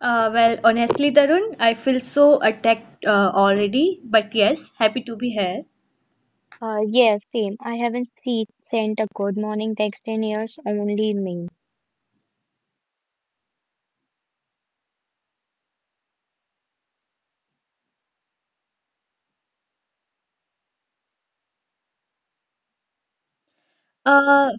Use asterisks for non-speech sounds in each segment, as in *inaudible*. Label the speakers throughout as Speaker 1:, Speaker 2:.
Speaker 1: Well, honestly, Tarun, I feel so attacked already, but yes, happy to be here.
Speaker 2: Yes, same. I haven't sent a good morning text in years, only me.
Speaker 1: Uh,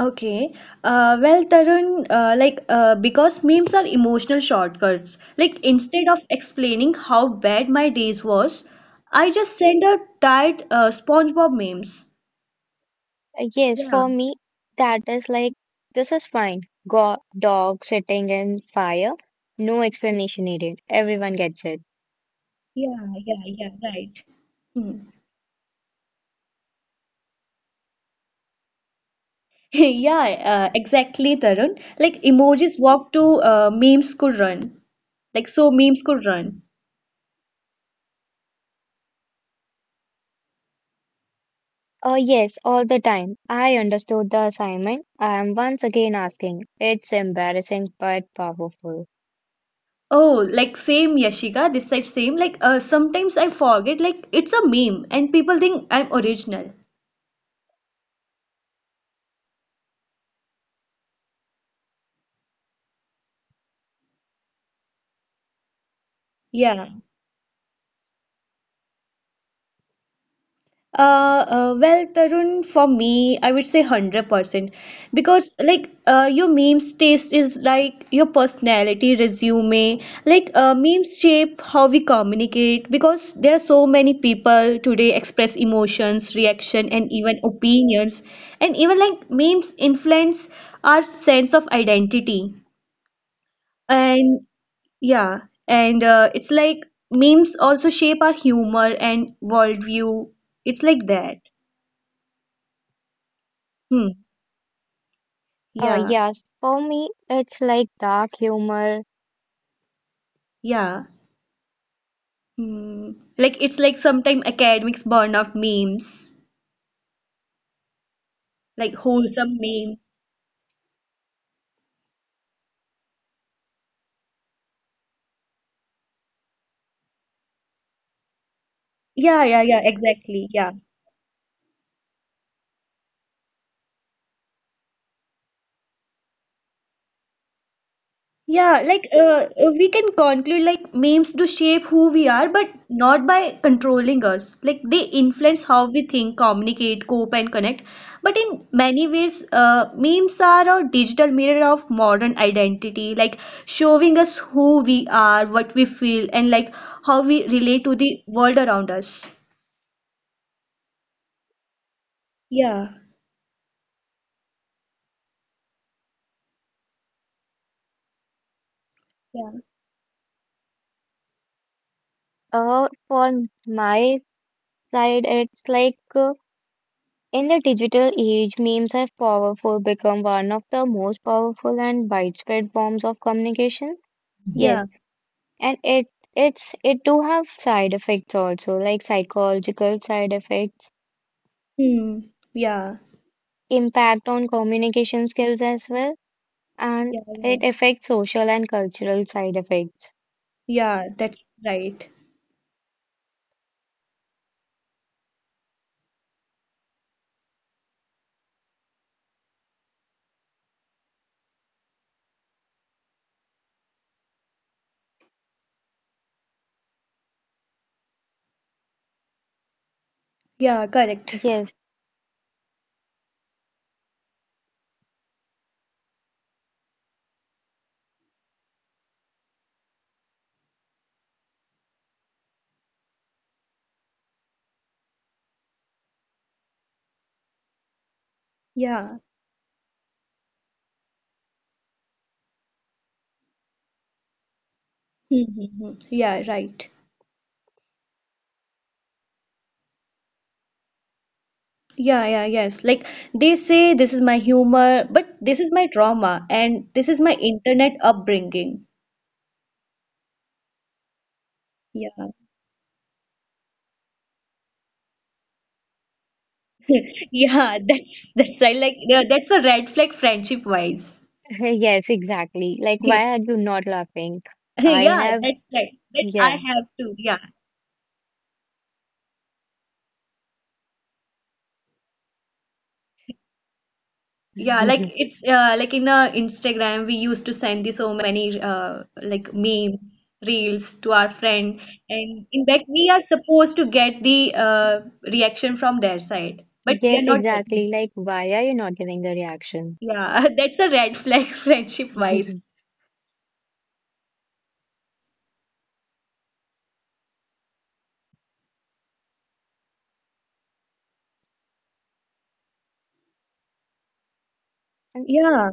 Speaker 1: okay. Well, Tarun, like, because memes are emotional shortcuts, like, instead of explaining how bad my days was, I just send out tired SpongeBob memes.
Speaker 2: Yes,
Speaker 1: Yeah,
Speaker 2: for me, that is this is fine. Go, dog sitting in fire. No explanation needed. Everyone gets it.
Speaker 1: yeah, yeah, yeah, right. Hmm. *laughs* Yeah, exactly, Tarun. Like, emojis walk to memes could run. Like, so memes could run.
Speaker 2: Yes, all the time. I understood the assignment. I am once again asking. It's embarrassing but powerful.
Speaker 1: Oh, like same Yashika, this side same. Like sometimes I forget, like it's a meme and people think I'm original. Yeah. Well, Tarun, for me, I would say 100% because, like, your memes taste is like your personality, resume. Like, memes shape how we communicate because there are so many people today express emotions, reaction, and even opinions. And even like memes influence our sense of identity. And yeah, and it's like memes also shape our humor and worldview. It's like that. Hmm.
Speaker 2: Uh,
Speaker 1: Yeah.
Speaker 2: yes, for me, it's like dark humor.
Speaker 1: Yeah. Hmm. Like it's like sometimes academics burn out memes, like wholesome memes. Yeah, yeah, yeah, exactly. Yeah. Yeah, like we can conclude like memes do shape who we are, but not by controlling us. Like they influence how we think, communicate, cope, and connect. But in many ways, memes are a digital mirror of modern identity, like showing us who we are, what we feel, and like how we relate to the world around us. Yeah, yeah,
Speaker 2: For my side, it's like in the digital age, memes have powerful become one of the most powerful and widespread forms of communication.
Speaker 1: yeah.
Speaker 2: Yes, and it do have side effects also, like psychological side effects,
Speaker 1: Hmm. Yeah,
Speaker 2: impact on communication skills as well, and
Speaker 1: yeah, yeah.
Speaker 2: it affects social and cultural side effects.
Speaker 1: Yeah, that's right. Yeah, correct.
Speaker 2: Yes,
Speaker 1: Yeah. Mm-hmm. Yeah, right. Yeah, yeah, yes. Like they say, this is my humor, but this is my trauma, and this is my internet upbringing. Yeah, *laughs* yeah. That's right. Like yeah, that's a red flag friendship wise.
Speaker 2: *laughs* yes, exactly. Like,
Speaker 1: *laughs*
Speaker 2: why are you not laughing? I
Speaker 1: Yeah,
Speaker 2: have,
Speaker 1: that's right. But I
Speaker 2: yeah.
Speaker 1: have to. Yeah, yeah, like
Speaker 2: *laughs*
Speaker 1: it's like in Instagram, we used to send the so many like memes, reels to our friend, and in fact, we are supposed to get the reaction from their side, but we are
Speaker 2: Yes,
Speaker 1: not getting.
Speaker 2: exactly. Like, why are you not giving the reaction?
Speaker 1: Yeah, *laughs* that's a red flag *laughs* friendship wise.
Speaker 2: *laughs*
Speaker 1: Yeah,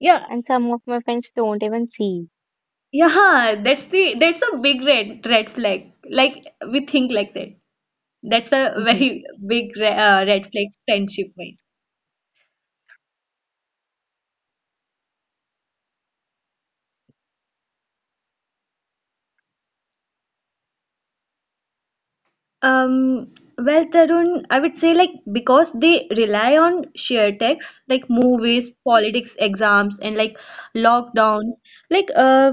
Speaker 1: yeah,
Speaker 2: And some of my friends don't even see.
Speaker 1: yeah. That's a big red flag. Like we think like that. That's a
Speaker 2: *laughs*
Speaker 1: very *laughs* big re red flag friendship wise. Well, Tarun, I would say like because they rely on shared texts like movies, politics, exams, and like lockdown. Like,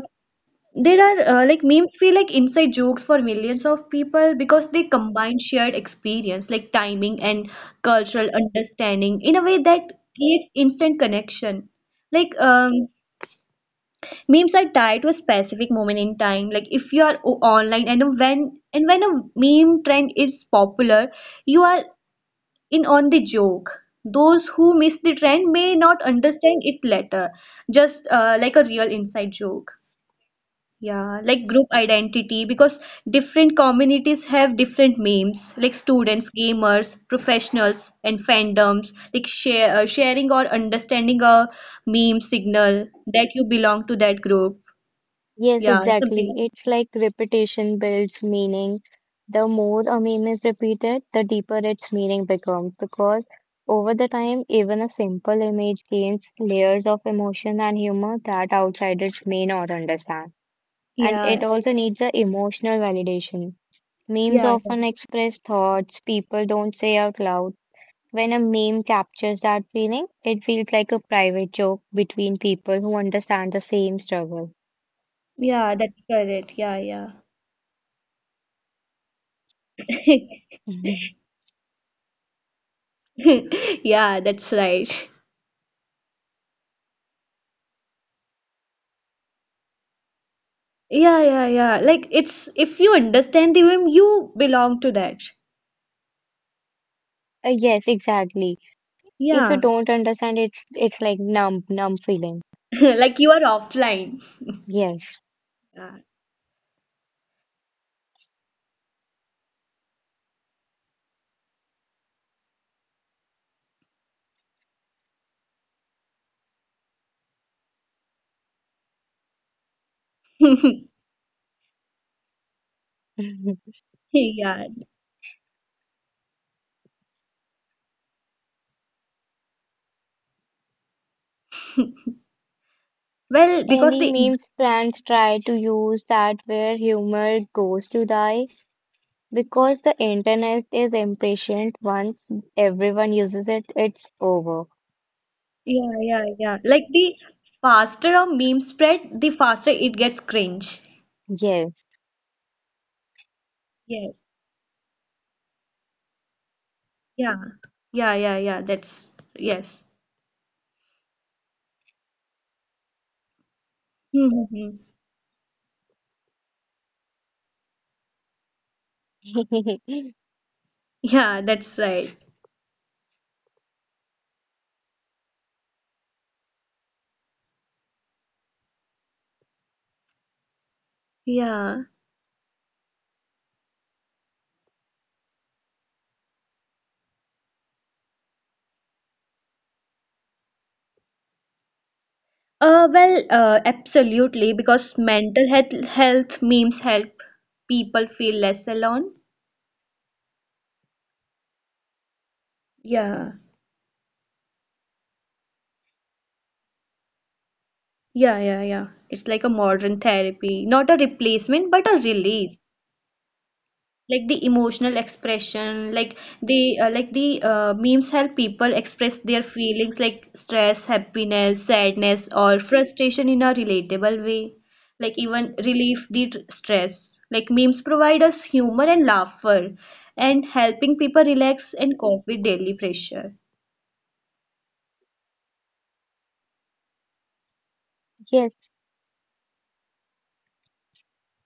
Speaker 1: there are like memes feel like inside jokes for millions of people because they combine shared experience, like timing and cultural understanding, in a way that creates instant connection. Like, memes are tied to a specific moment in time. Like if you are online, and when a meme trend is popular, you are in on the joke. Those who miss the trend may not understand it later, just like a real inside joke. Yeah, like group identity, because different communities have different memes, like students, gamers, professionals, and fandoms. Like sharing or understanding a meme signal that you belong to that group.
Speaker 2: Yes,
Speaker 1: Yeah, something
Speaker 2: exactly.
Speaker 1: like.
Speaker 2: It's like repetition builds meaning. The more a meme is repeated, the deeper its meaning becomes because over the time, even a simple image gains layers of emotion and humor that outsiders may not understand. And
Speaker 1: Yeah,
Speaker 2: it also needs a emotional validation. Memes
Speaker 1: yeah, yeah,
Speaker 2: often express thoughts people don't say out loud. When a meme captures that feeling, it feels like a private joke between people who understand the same struggle.
Speaker 1: yeah, that's correct. Yeah, yeah. *laughs*
Speaker 2: Mhm.
Speaker 1: Yeah, that's right. Yeah, yeah, yeah. Like it's if you understand the meme, you belong to that.
Speaker 2: Yes, exactly. If you
Speaker 1: Yeah.
Speaker 2: don't understand, it's like numb, numb feeling.
Speaker 1: *laughs* Like you are offline.
Speaker 2: Yes.
Speaker 1: Yeah. *laughs*
Speaker 2: Mhm.
Speaker 1: Yeah. *laughs* Well, because
Speaker 2: Any
Speaker 1: the
Speaker 2: meme plans try to use that where humor goes to die because the internet is impatient. Once everyone uses it, it's over.
Speaker 1: yeah, yeah, yeah. Like the faster a meme spread, the faster it gets cringe.
Speaker 2: Yes.
Speaker 1: Yes. Yeah. Yeah, yeah, yeah. That's yes. *laughs* Hmm.
Speaker 2: *laughs*
Speaker 1: Yeah, that's right. Yeah. Well, absolutely, because mental health memes help people feel less alone. Yeah. Yeah, yeah, yeah. It's like a modern therapy, not a replacement, but a release. Like the emotional expression. Like the like the memes help people express their feelings like stress, happiness, sadness, or frustration in a relatable way. Like even relieve the stress. Like memes provide us humor and laughter and helping people relax and cope with daily pressure.
Speaker 2: Yes.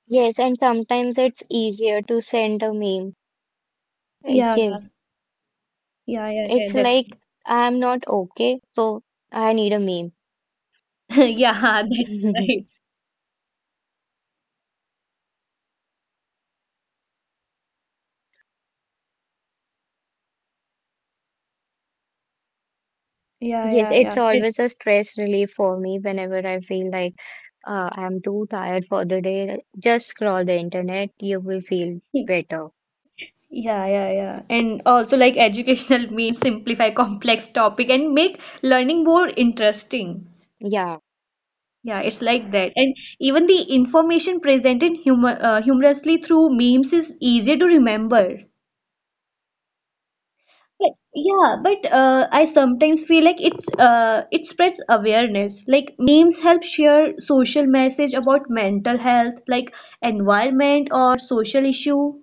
Speaker 2: Yes, and sometimes it's easier to send a meme. Uh,
Speaker 1: Yeah,
Speaker 2: Yes,
Speaker 1: yeah, yeah, yeah,
Speaker 2: it's
Speaker 1: that's
Speaker 2: like I'm not okay, so I need a meme.
Speaker 1: *laughs* yeah, that's right.
Speaker 2: *laughs*
Speaker 1: Yeah,
Speaker 2: Yes,
Speaker 1: yeah,
Speaker 2: it's
Speaker 1: yeah.
Speaker 2: always a stress relief for me whenever I feel like I'm too tired for the day. Just scroll the internet, you will feel
Speaker 1: *laughs*
Speaker 2: better.
Speaker 1: Yeah, yeah, yeah. And also like educational *laughs* means simplify complex topic and make learning more interesting.
Speaker 2: Yeah,
Speaker 1: Yeah, it's like that. And even the information presented humorously through memes is easier to remember. But yeah, but I sometimes feel like it's it spreads awareness. Like memes help share social message about mental health, like environment or social issue.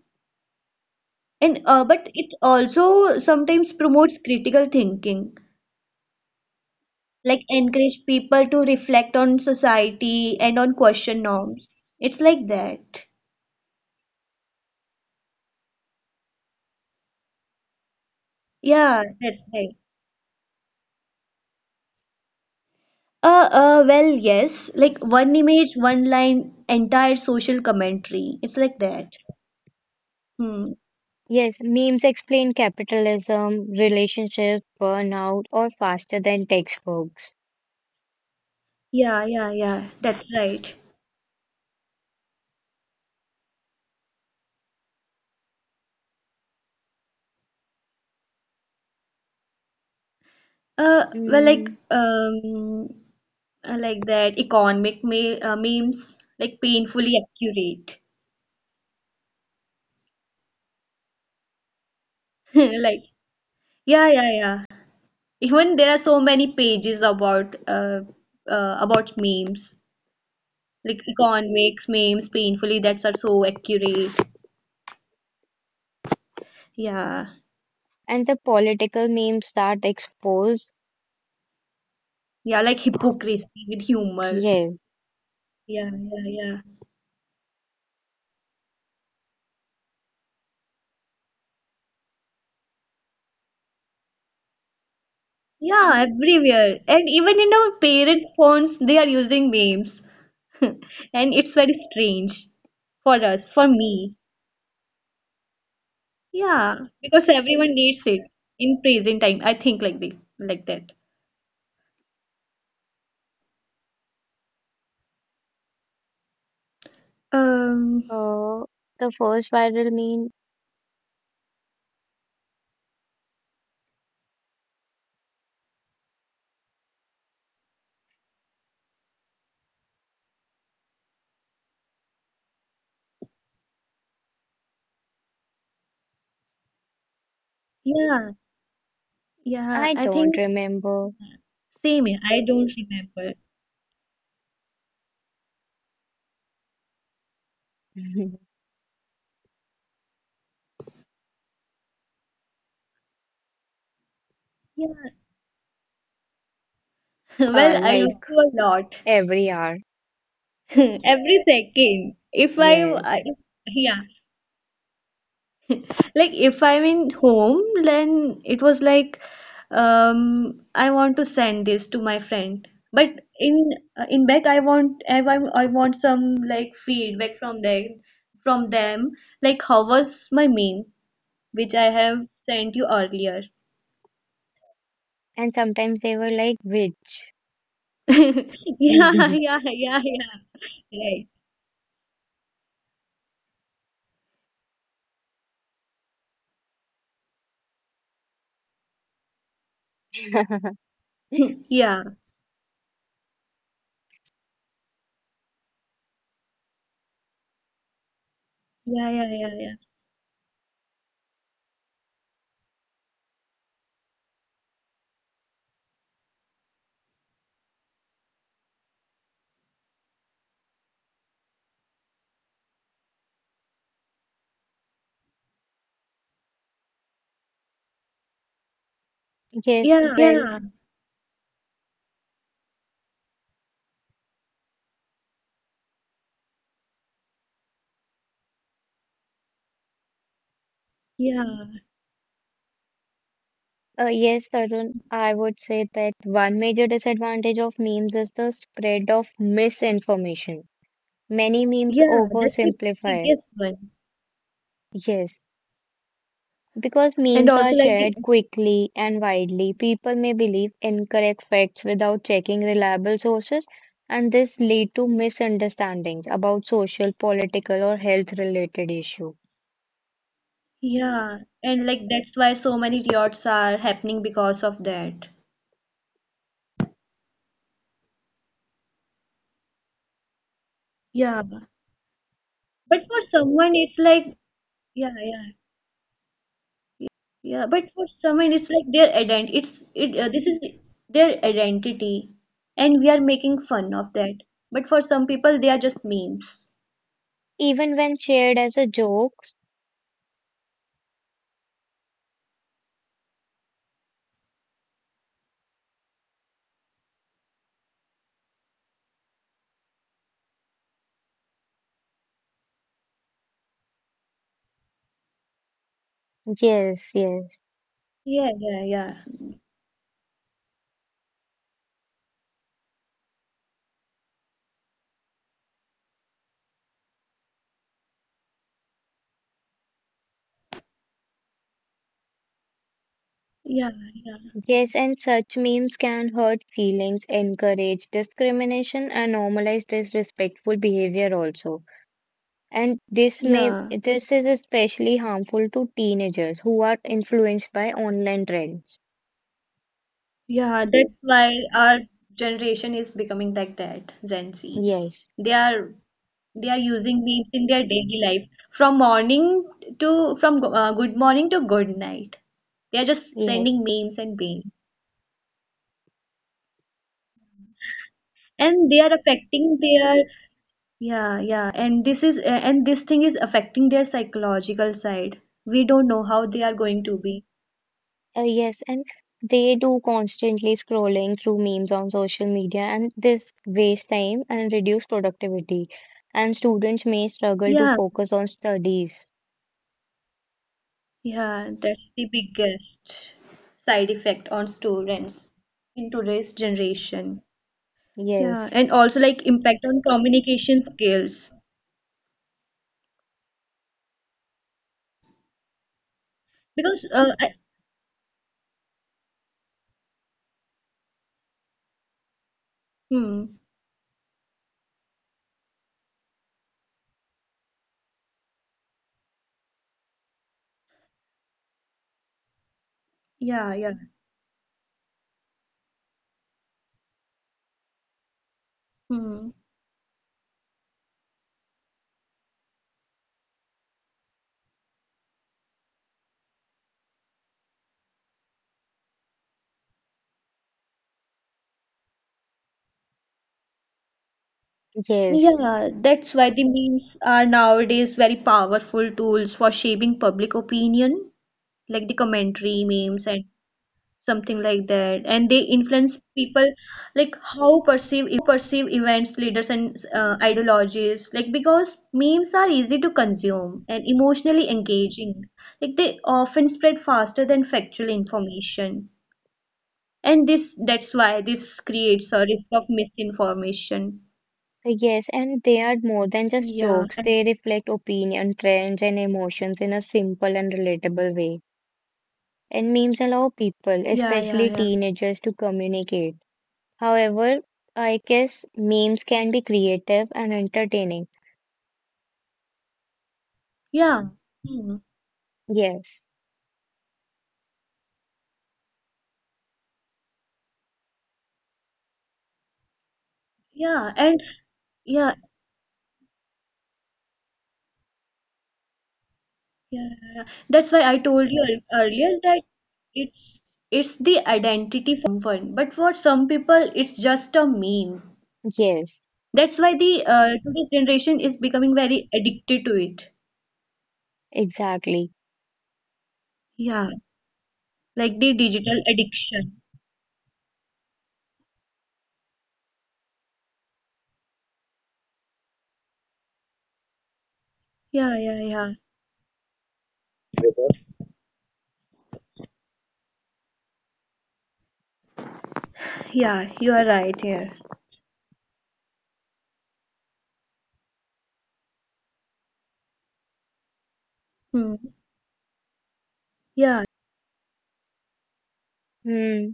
Speaker 1: And but it also sometimes promotes critical thinking. Like encourage people to reflect on society and on question norms. It's like that. Yeah, that's right. Well, yes, like one image, one line, entire social commentary. It's like that. Hmm.
Speaker 2: yes, memes explain capitalism, relationships, burnout, or faster than textbooks.
Speaker 1: Yeah, yeah, yeah. That's right. Well,
Speaker 2: Mm.
Speaker 1: like that economic me memes, like painfully accurate. *laughs* Like, yeah, yeah, yeah. Even there are so many pages about memes, like economics memes, painfully that's are so accurate. Yeah,
Speaker 2: And the political memes that expose,
Speaker 1: yeah, like hypocrisy with humor.
Speaker 2: yes.
Speaker 1: Yeah, yeah, yeah. Yeah, everywhere. And even in our parents' phones, they are using memes. *laughs* And it's very strange for us, for me. Yeah, because everyone needs it in present time. I think like the, like that. Um,
Speaker 2: Uh, the first viral meme
Speaker 1: yeah, yeah.
Speaker 2: I
Speaker 1: I
Speaker 2: don't
Speaker 1: think
Speaker 2: remember.
Speaker 1: same here. I don't remember.
Speaker 2: *laughs*
Speaker 1: Yeah. *laughs* Well, I
Speaker 2: Like
Speaker 1: used to a lot.
Speaker 2: every hour.
Speaker 1: *laughs* Every second. If I,
Speaker 2: Yes.
Speaker 1: I- Yeah, like if I'm in home, then it was like, I want to send this to my friend. But in back, I want some like feedback from them. Like how was my meme, which I have sent you earlier.
Speaker 2: And sometimes they were like, which?
Speaker 1: *laughs* Yeah, yeah,
Speaker 2: *laughs*
Speaker 1: yeah, yeah. Right. *laughs* Yeah. Yeah, yeah, yeah, yeah.
Speaker 2: Yes, well,
Speaker 1: Yeah, yeah,
Speaker 2: yes, Tarun, I would say that one major disadvantage of memes is the spread of misinformation. Many memes
Speaker 1: yeah. That's the
Speaker 2: oversimplify.
Speaker 1: biggest one.
Speaker 2: Yes, because
Speaker 1: And
Speaker 2: memes
Speaker 1: also
Speaker 2: are
Speaker 1: like the
Speaker 2: shared quickly and widely, people may believe incorrect facts without checking reliable sources, and this lead to misunderstandings about social, political, or health-related issue.
Speaker 1: yeah, and like that's why so many riots are happening because of that. Yeah. But for someone it's like yeah, yeah. Yeah, but for someone it's like their identity. It's it This is their identity and we are making fun of that. But for some people they are just memes.
Speaker 2: Even when shared as a joke, yes, yes,
Speaker 1: Yeah, yeah, yeah. Yeah, yeah.
Speaker 2: yes, and such memes can hurt feelings, encourage discrimination, and normalize disrespectful behavior also. And
Speaker 1: Yeah.
Speaker 2: this is especially harmful to teenagers who are influenced by online trends.
Speaker 1: Yeah, that's why our generation is becoming like that, Gen Z.
Speaker 2: Yes,
Speaker 1: They are they are using memes in their daily life from good morning to good night. They are just sending
Speaker 2: yes,
Speaker 1: memes and memes, and they are affecting their, yeah, yeah. And this thing is affecting their psychological side. We don't know how they are going to be.
Speaker 2: yes, and they do constantly scrolling through memes on social media, and this waste time and reduce productivity. And students may struggle to
Speaker 1: Yeah,
Speaker 2: focus on studies.
Speaker 1: yeah, that's the biggest side effect on students in today's generation. Yeah,
Speaker 2: Yes,
Speaker 1: and also like impact on communication skills because I, hmm, yeah, yeah, hmm.
Speaker 2: yes,
Speaker 1: Yeah, that's why the memes are nowadays very powerful tools for shaping public opinion, like the commentary memes and something like that. And they influence people like how perceive events, leaders, and ideologies. Like because memes are easy to consume and emotionally engaging, like they often spread faster than factual information, and this that's why this creates a risk of misinformation.
Speaker 2: yes, and they are more than just
Speaker 1: Yeah.
Speaker 2: jokes.
Speaker 1: And
Speaker 2: They reflect opinion, trends, and emotions in a simple and relatable way. And memes allow people,
Speaker 1: yeah, yeah,
Speaker 2: especially
Speaker 1: yeah.
Speaker 2: teenagers, to communicate. However, I guess memes can be creative and entertaining.
Speaker 1: Yeah. Hmm.
Speaker 2: Yes,
Speaker 1: Yeah. And yeah. Yeah, that's why I told you earlier that it's it's the identity for someone, but for some people it's just a meme.
Speaker 2: yes,
Speaker 1: That's why the today's generation is becoming very addicted to it.
Speaker 2: exactly.
Speaker 1: Yeah, like the digital addiction. Yeah, yeah, yeah. Yeah, you are right here. Hmm. Yeah.
Speaker 2: Hmm.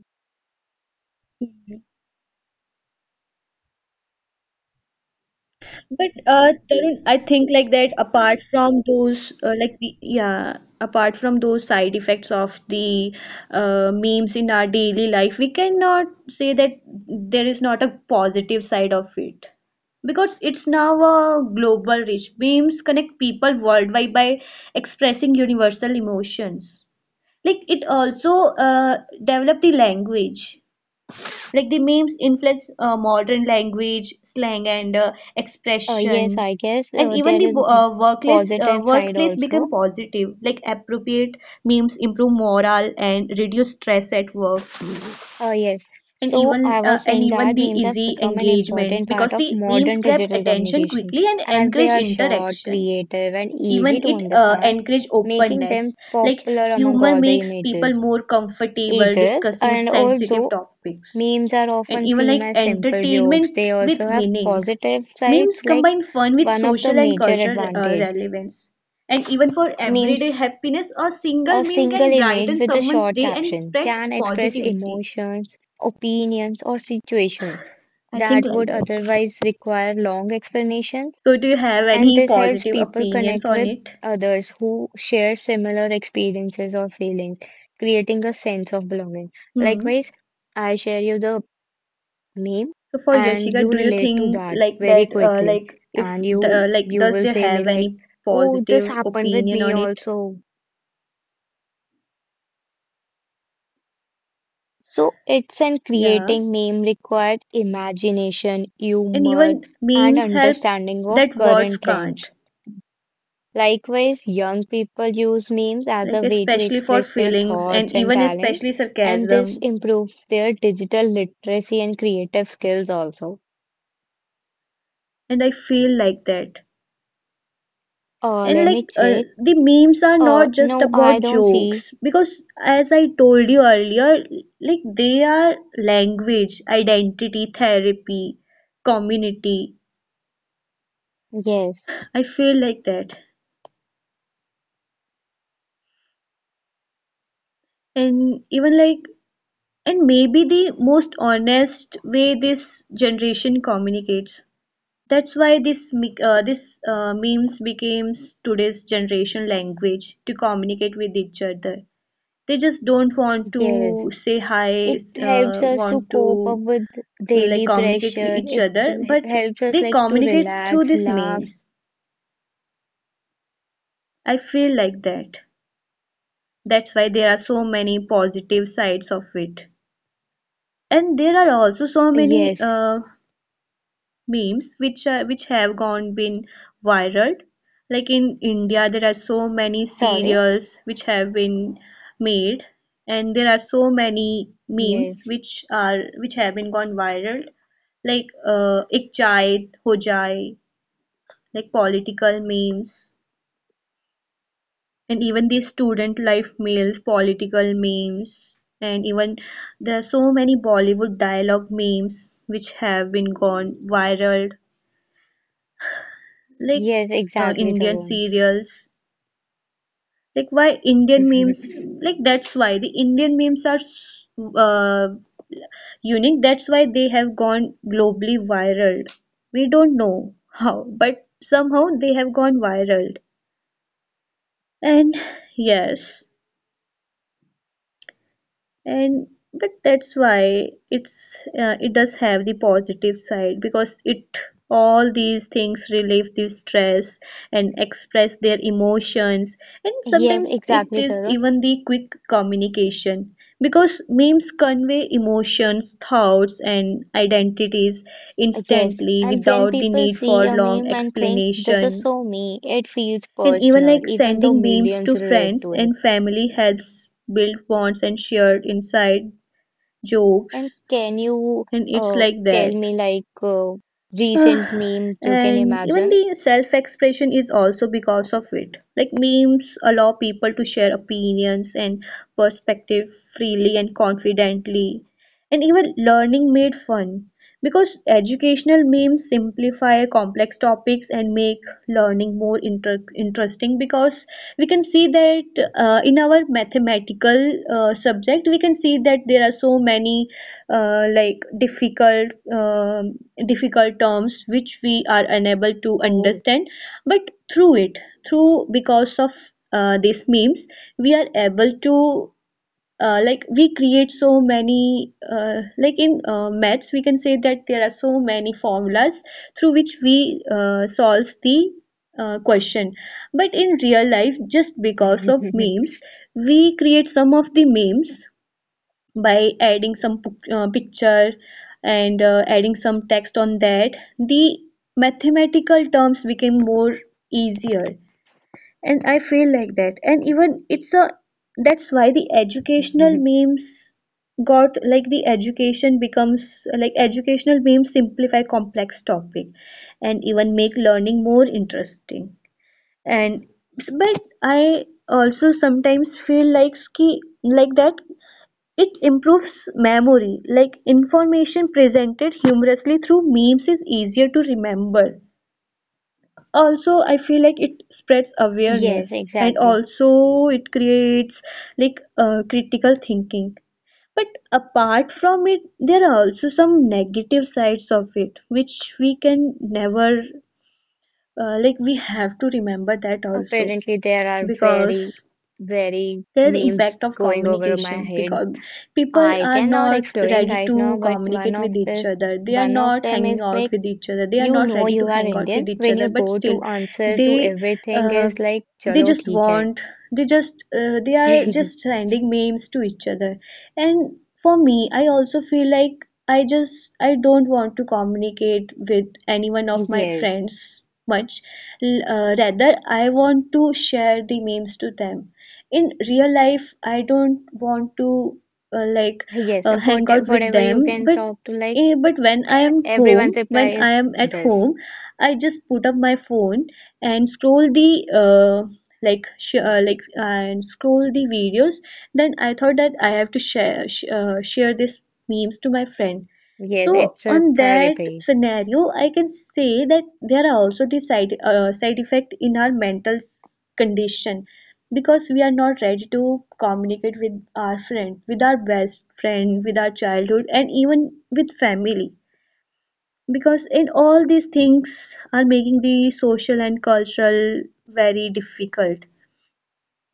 Speaker 1: But Tarun, I think like that apart from those like yeah, apart from those side effects of the memes in our daily life, we cannot say that there is not a positive side of it. Because it's now a global reach. Memes connect people worldwide by expressing universal emotions. Like it also developed the language, like the memes influence modern language, slang, and
Speaker 2: Uh,
Speaker 1: expression,
Speaker 2: yes, I guess
Speaker 1: and even
Speaker 2: there
Speaker 1: the
Speaker 2: is positive side
Speaker 1: workplace become
Speaker 2: also.
Speaker 1: positive. Like appropriate memes improve morale and reduce stress at work,
Speaker 2: Yes.
Speaker 1: and
Speaker 2: So I was saying
Speaker 1: even
Speaker 2: that
Speaker 1: the
Speaker 2: memes have
Speaker 1: easy
Speaker 2: become an
Speaker 1: engagement
Speaker 2: important part
Speaker 1: because
Speaker 2: of
Speaker 1: the memes
Speaker 2: modern
Speaker 1: grab
Speaker 2: digital
Speaker 1: attention
Speaker 2: communication
Speaker 1: quickly and
Speaker 2: as they
Speaker 1: encourage
Speaker 2: are short,
Speaker 1: interaction.
Speaker 2: creative, and
Speaker 1: Even
Speaker 2: easy to
Speaker 1: it
Speaker 2: understand,
Speaker 1: encourage
Speaker 2: making
Speaker 1: openness.
Speaker 2: them
Speaker 1: Like
Speaker 2: popular among
Speaker 1: humor
Speaker 2: all the
Speaker 1: makes people
Speaker 2: images.
Speaker 1: more comfortable
Speaker 2: Ages,
Speaker 1: discussing
Speaker 2: and
Speaker 1: sensitive
Speaker 2: although
Speaker 1: topics
Speaker 2: memes are
Speaker 1: and
Speaker 2: often
Speaker 1: even
Speaker 2: seen
Speaker 1: like
Speaker 2: as simple jokes,
Speaker 1: entertainment
Speaker 2: they
Speaker 1: with
Speaker 2: also have
Speaker 1: meaning.
Speaker 2: positive
Speaker 1: Memes
Speaker 2: sides. Like
Speaker 1: combine fun with
Speaker 2: one of the
Speaker 1: social and
Speaker 2: major
Speaker 1: cultural
Speaker 2: advantage,
Speaker 1: relevance. And even for
Speaker 2: memes,
Speaker 1: everyday happiness, a single
Speaker 2: a
Speaker 1: meme
Speaker 2: single
Speaker 1: can
Speaker 2: image
Speaker 1: brighten
Speaker 2: with a
Speaker 1: someone's
Speaker 2: short
Speaker 1: day and
Speaker 2: caption
Speaker 1: spread
Speaker 2: can express
Speaker 1: positivity.
Speaker 2: emotions, opinions, or situations
Speaker 1: I think
Speaker 2: that
Speaker 1: like
Speaker 2: would
Speaker 1: that.
Speaker 2: otherwise require long explanations,
Speaker 1: So, do you have
Speaker 2: and
Speaker 1: any
Speaker 2: this helps
Speaker 1: positive
Speaker 2: people
Speaker 1: opinions
Speaker 2: connect
Speaker 1: on
Speaker 2: with
Speaker 1: it?
Speaker 2: others who share similar experiences or feelings, creating a sense of belonging.
Speaker 1: Hmm.
Speaker 2: Likewise, I share you the name
Speaker 1: So for
Speaker 2: and
Speaker 1: Yashika,
Speaker 2: you
Speaker 1: do you
Speaker 2: relate to
Speaker 1: think
Speaker 2: that
Speaker 1: like
Speaker 2: very
Speaker 1: that,
Speaker 2: quickly
Speaker 1: like if
Speaker 2: and you
Speaker 1: the, like
Speaker 2: you
Speaker 1: does
Speaker 2: will
Speaker 1: they
Speaker 2: say me
Speaker 1: have
Speaker 2: like
Speaker 1: any
Speaker 2: oh this
Speaker 1: positive
Speaker 2: happened with
Speaker 1: opinion
Speaker 2: me
Speaker 1: on it?
Speaker 2: also, so it's in
Speaker 1: Yeah.
Speaker 2: creating name required imagination,
Speaker 1: And
Speaker 2: humor,
Speaker 1: even
Speaker 2: and
Speaker 1: memes help
Speaker 2: understanding of
Speaker 1: that words
Speaker 2: current trends.
Speaker 1: can't,
Speaker 2: Likewise, young people use memes as a
Speaker 1: like
Speaker 2: way to
Speaker 1: especially for
Speaker 2: express their
Speaker 1: feelings, and
Speaker 2: thoughts and
Speaker 1: even
Speaker 2: talent,
Speaker 1: especially
Speaker 2: and this
Speaker 1: sarcasm,
Speaker 2: improves their digital literacy and creative skills also.
Speaker 1: and I feel like that. And
Speaker 2: Let
Speaker 1: like
Speaker 2: me check.
Speaker 1: the memes are not just
Speaker 2: No, I
Speaker 1: about
Speaker 2: don't see.
Speaker 1: jokes because as I told you earlier, like they are language, identity, therapy, community.
Speaker 2: Yes.
Speaker 1: I feel like that. And even like, and maybe the most honest way this generation communicates. That's why this mic- this memes became today's generation language to communicate with each other. They just don't want to
Speaker 2: Yes,
Speaker 1: say hi,
Speaker 2: it helps us to
Speaker 1: want
Speaker 2: cope up
Speaker 1: to
Speaker 2: with
Speaker 1: like
Speaker 2: daily
Speaker 1: communicate with
Speaker 2: pressure.
Speaker 1: each
Speaker 2: It
Speaker 1: other,
Speaker 2: will
Speaker 1: but
Speaker 2: helps us
Speaker 1: they
Speaker 2: like to
Speaker 1: communicate through
Speaker 2: relax,
Speaker 1: these
Speaker 2: laugh.
Speaker 1: memes. I feel like that. That's why there are so many positive sides of it, and there are also so many
Speaker 2: Yes,
Speaker 1: memes which are, which have gone been viral like in India. There are so many
Speaker 2: sorry.
Speaker 1: serials which have been made and there are so many memes
Speaker 2: Yes,
Speaker 1: which are which have been gone viral like ek chai ho jai, like political memes and even these student life memes, political memes, and even there are so many Bollywood dialogue memes which have been gone viral like
Speaker 2: yes, exactly,
Speaker 1: Indian
Speaker 2: Tarun.
Speaker 1: serials. Like why Indian
Speaker 2: *laughs*
Speaker 1: memes? Like that's why the Indian memes are uh, unique. That's why they have gone globally viral. We don't know how, but somehow they have gone viral. And yes, and but that's why it does have the positive side, because it, all these things relieve the stress and express their emotions, and
Speaker 2: Yes,
Speaker 1: sometimes it
Speaker 2: exactly,
Speaker 1: is
Speaker 2: Tarun.
Speaker 1: even the quick communication, because memes convey emotions, thoughts, and identities
Speaker 2: Yes,
Speaker 1: instantly
Speaker 2: and when
Speaker 1: without the
Speaker 2: people
Speaker 1: need
Speaker 2: see
Speaker 1: for
Speaker 2: a
Speaker 1: long
Speaker 2: meme and think this is
Speaker 1: explanation.
Speaker 2: so me, it feels
Speaker 1: And even
Speaker 2: personal,
Speaker 1: like
Speaker 2: even though
Speaker 1: sending memes
Speaker 2: millions
Speaker 1: to
Speaker 2: relate
Speaker 1: friends
Speaker 2: to it.
Speaker 1: and family helps build bonds and shared insight
Speaker 2: And
Speaker 1: jokes,
Speaker 2: can you
Speaker 1: and it's
Speaker 2: uh
Speaker 1: like
Speaker 2: tell
Speaker 1: that.
Speaker 2: me like recent meme you can
Speaker 1: And even
Speaker 2: imagine?
Speaker 1: the self expression is also because of it, like memes allow people to share opinions and perspective freely and confidently. And even learning made fun, because educational memes simplify complex topics and make learning more interesting, because we can see that in our mathematical subject we can see that there are so many like difficult difficult terms which we are unable to
Speaker 2: Oh.
Speaker 1: understand, but through it, through because of these memes, we are able to like we create so many like in maths we can say that there are so many formulas through which we solves the question, but in real life, just because of
Speaker 2: *laughs*
Speaker 1: memes, we create some of the memes by adding some picture and adding some text on that, the mathematical terms became more easier, and I feel like that. And even it's a, that's why the educational memes got like, the education becomes like, educational memes simplify complex topic and even make learning more interesting. And but I also sometimes feel like ski like that it improves memory, like information presented humorously through memes is easier to remember. Also, I feel like it spreads
Speaker 2: Yes,
Speaker 1: awareness and
Speaker 2: exactly.
Speaker 1: also it creates like critical thinking. But apart from it, there are also some negative sides of it, which we can never like, we have to remember that also,
Speaker 2: Apparently, there are very,
Speaker 1: because
Speaker 2: very
Speaker 1: there's the
Speaker 2: memes
Speaker 1: impact of
Speaker 2: going over my
Speaker 1: communication,
Speaker 2: head.
Speaker 1: because people
Speaker 2: I
Speaker 1: are
Speaker 2: cannot
Speaker 1: not
Speaker 2: explain
Speaker 1: ready
Speaker 2: right
Speaker 1: to
Speaker 2: now, but
Speaker 1: communicate with each other, they are
Speaker 2: one of
Speaker 1: not
Speaker 2: them
Speaker 1: hanging
Speaker 2: is
Speaker 1: out
Speaker 2: like,
Speaker 1: with each other, they are
Speaker 2: you
Speaker 1: not
Speaker 2: know,
Speaker 1: ready to
Speaker 2: you are
Speaker 1: hang out
Speaker 2: Indian
Speaker 1: with each
Speaker 2: when
Speaker 1: other,
Speaker 2: you
Speaker 1: but
Speaker 2: go
Speaker 1: still
Speaker 2: to answer to
Speaker 1: they
Speaker 2: everything
Speaker 1: uh,
Speaker 2: is like,
Speaker 1: they
Speaker 2: chalo
Speaker 1: just
Speaker 2: theek hai.
Speaker 1: want, they just they are just
Speaker 2: *laughs*
Speaker 1: sending memes to each other. And for me, I also feel like I just, I don't want to communicate with anyone of my
Speaker 2: Yes,
Speaker 1: friends much. Rather, I want to share the memes to them. In real life, I don't want to like
Speaker 2: yes.
Speaker 1: hang out with
Speaker 2: Whatever
Speaker 1: them,
Speaker 2: you can
Speaker 1: but
Speaker 2: talk to, like
Speaker 1: but when I am home,
Speaker 2: everyone's reply
Speaker 1: when I
Speaker 2: is
Speaker 1: am at
Speaker 2: this.
Speaker 1: home, I just put up my phone and scroll the uh, like like, and scroll the videos, then I thought that I have to share share this memes to my friend.
Speaker 2: Yes,
Speaker 1: So
Speaker 2: it's a
Speaker 1: on that
Speaker 2: therapy.
Speaker 1: scenario, I can say that there are also the side side effect in our mental condition, because we are not ready to communicate with our friend, with our best friend, with our childhood, and even with family. Because in all these things are making the social and cultural very difficult,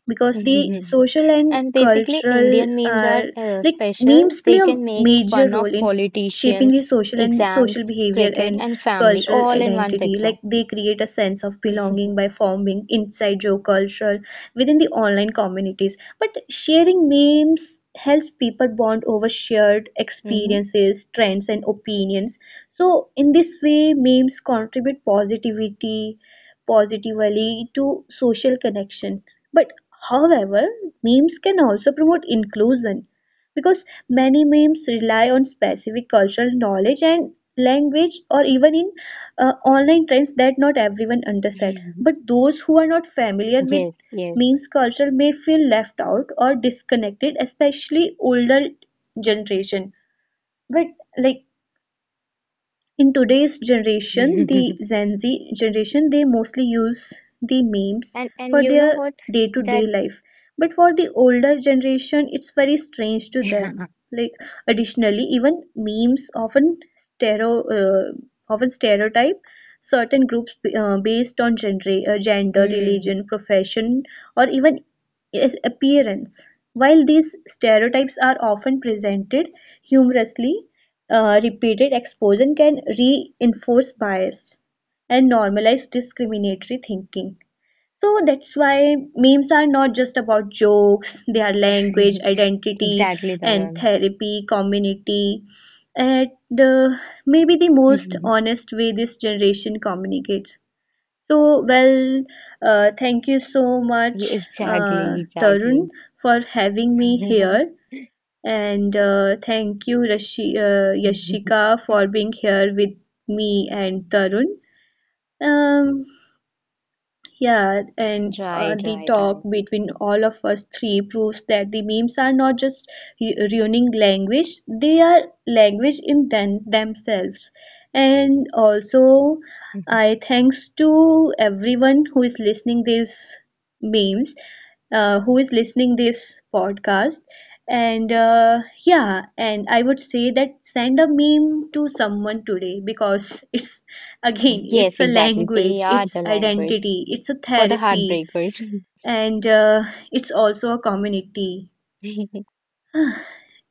Speaker 1: because the social
Speaker 2: *laughs*
Speaker 1: and
Speaker 2: And basically,
Speaker 1: cultural
Speaker 2: Indian memes are
Speaker 1: like
Speaker 2: special.
Speaker 1: memes play
Speaker 2: They
Speaker 1: a
Speaker 2: can make
Speaker 1: major
Speaker 2: fun of
Speaker 1: role in shaping the
Speaker 2: politicians,
Speaker 1: social and social
Speaker 2: exams,
Speaker 1: behavior
Speaker 2: cricket,
Speaker 1: and
Speaker 2: and family
Speaker 1: cultural
Speaker 2: all in one
Speaker 1: identity,
Speaker 2: picture.
Speaker 1: like they create a sense of
Speaker 2: *laughs*
Speaker 1: belonging by forming inside joke cultural within the online communities, but sharing memes helps people bond over shared
Speaker 2: Hmm.
Speaker 1: experiences, trends, and opinions. So in this way memes contribute positivity positively to social connection. But however, memes can also promote inclusion, because many memes rely on specific cultural knowledge and language or even in online trends that not everyone understand, but
Speaker 2: *laughs*
Speaker 1: those who are not familiar with
Speaker 2: Yes, yes.
Speaker 1: memes culture may feel left out or disconnected, especially older generation. But like in today's generation, the
Speaker 2: *laughs*
Speaker 1: Gen Z generation, they mostly use the memes
Speaker 2: And
Speaker 1: for
Speaker 2: you know
Speaker 1: their
Speaker 2: what? That
Speaker 1: day-to-day life. But for the older generation, it's very strange to them.
Speaker 2: *laughs* Hmm.
Speaker 1: Like additionally, even memes often often stereotype certain groups based on gender, gender, religion, profession, or even is appearance. While these stereotypes are often presented humorously, repeated exposure can reinforce bias and normalize discriminatory thinking. So that's why memes are not just about jokes, they are language,
Speaker 2: *laughs*
Speaker 1: identity,
Speaker 2: Exactly,
Speaker 1: and
Speaker 2: Tarun.
Speaker 1: therapy, community. And uh, maybe the most
Speaker 2: *laughs*
Speaker 1: honest way this generation communicates. So, thank you so
Speaker 2: Yeah,
Speaker 1: much,
Speaker 2: exactly, exactly.
Speaker 1: Tarun, for having me here.
Speaker 2: *laughs*
Speaker 1: And thank you, Yashika, for being here with me and Tarun. Um, here and
Speaker 2: Right,
Speaker 1: the
Speaker 2: right,
Speaker 1: talk
Speaker 2: right.
Speaker 1: between all of us three proves that the memes are not just ruining language, they are language in themselves. And also, I
Speaker 2: *laughs*
Speaker 1: thanks to everyone who is listening these memes, who is listening this podcast. And yeah, and I would say that send a meme to someone today, because *laughs* it's, again,
Speaker 2: Yes,
Speaker 1: it's a
Speaker 2: exactly. They
Speaker 1: language,
Speaker 2: are
Speaker 1: it's
Speaker 2: the language
Speaker 1: identity, it's a
Speaker 2: for the
Speaker 1: therapy,
Speaker 2: heartbreakers.
Speaker 1: and it's also a community.
Speaker 2: *laughs*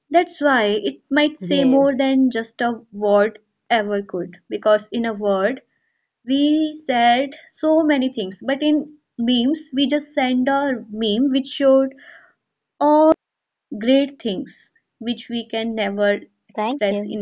Speaker 1: That's why it might say more
Speaker 2: Yes,
Speaker 1: than just a word ever could, because in a word, we said so many things, but in memes, we just send a meme which showed all great things which we can never
Speaker 2: thank
Speaker 1: express
Speaker 2: you.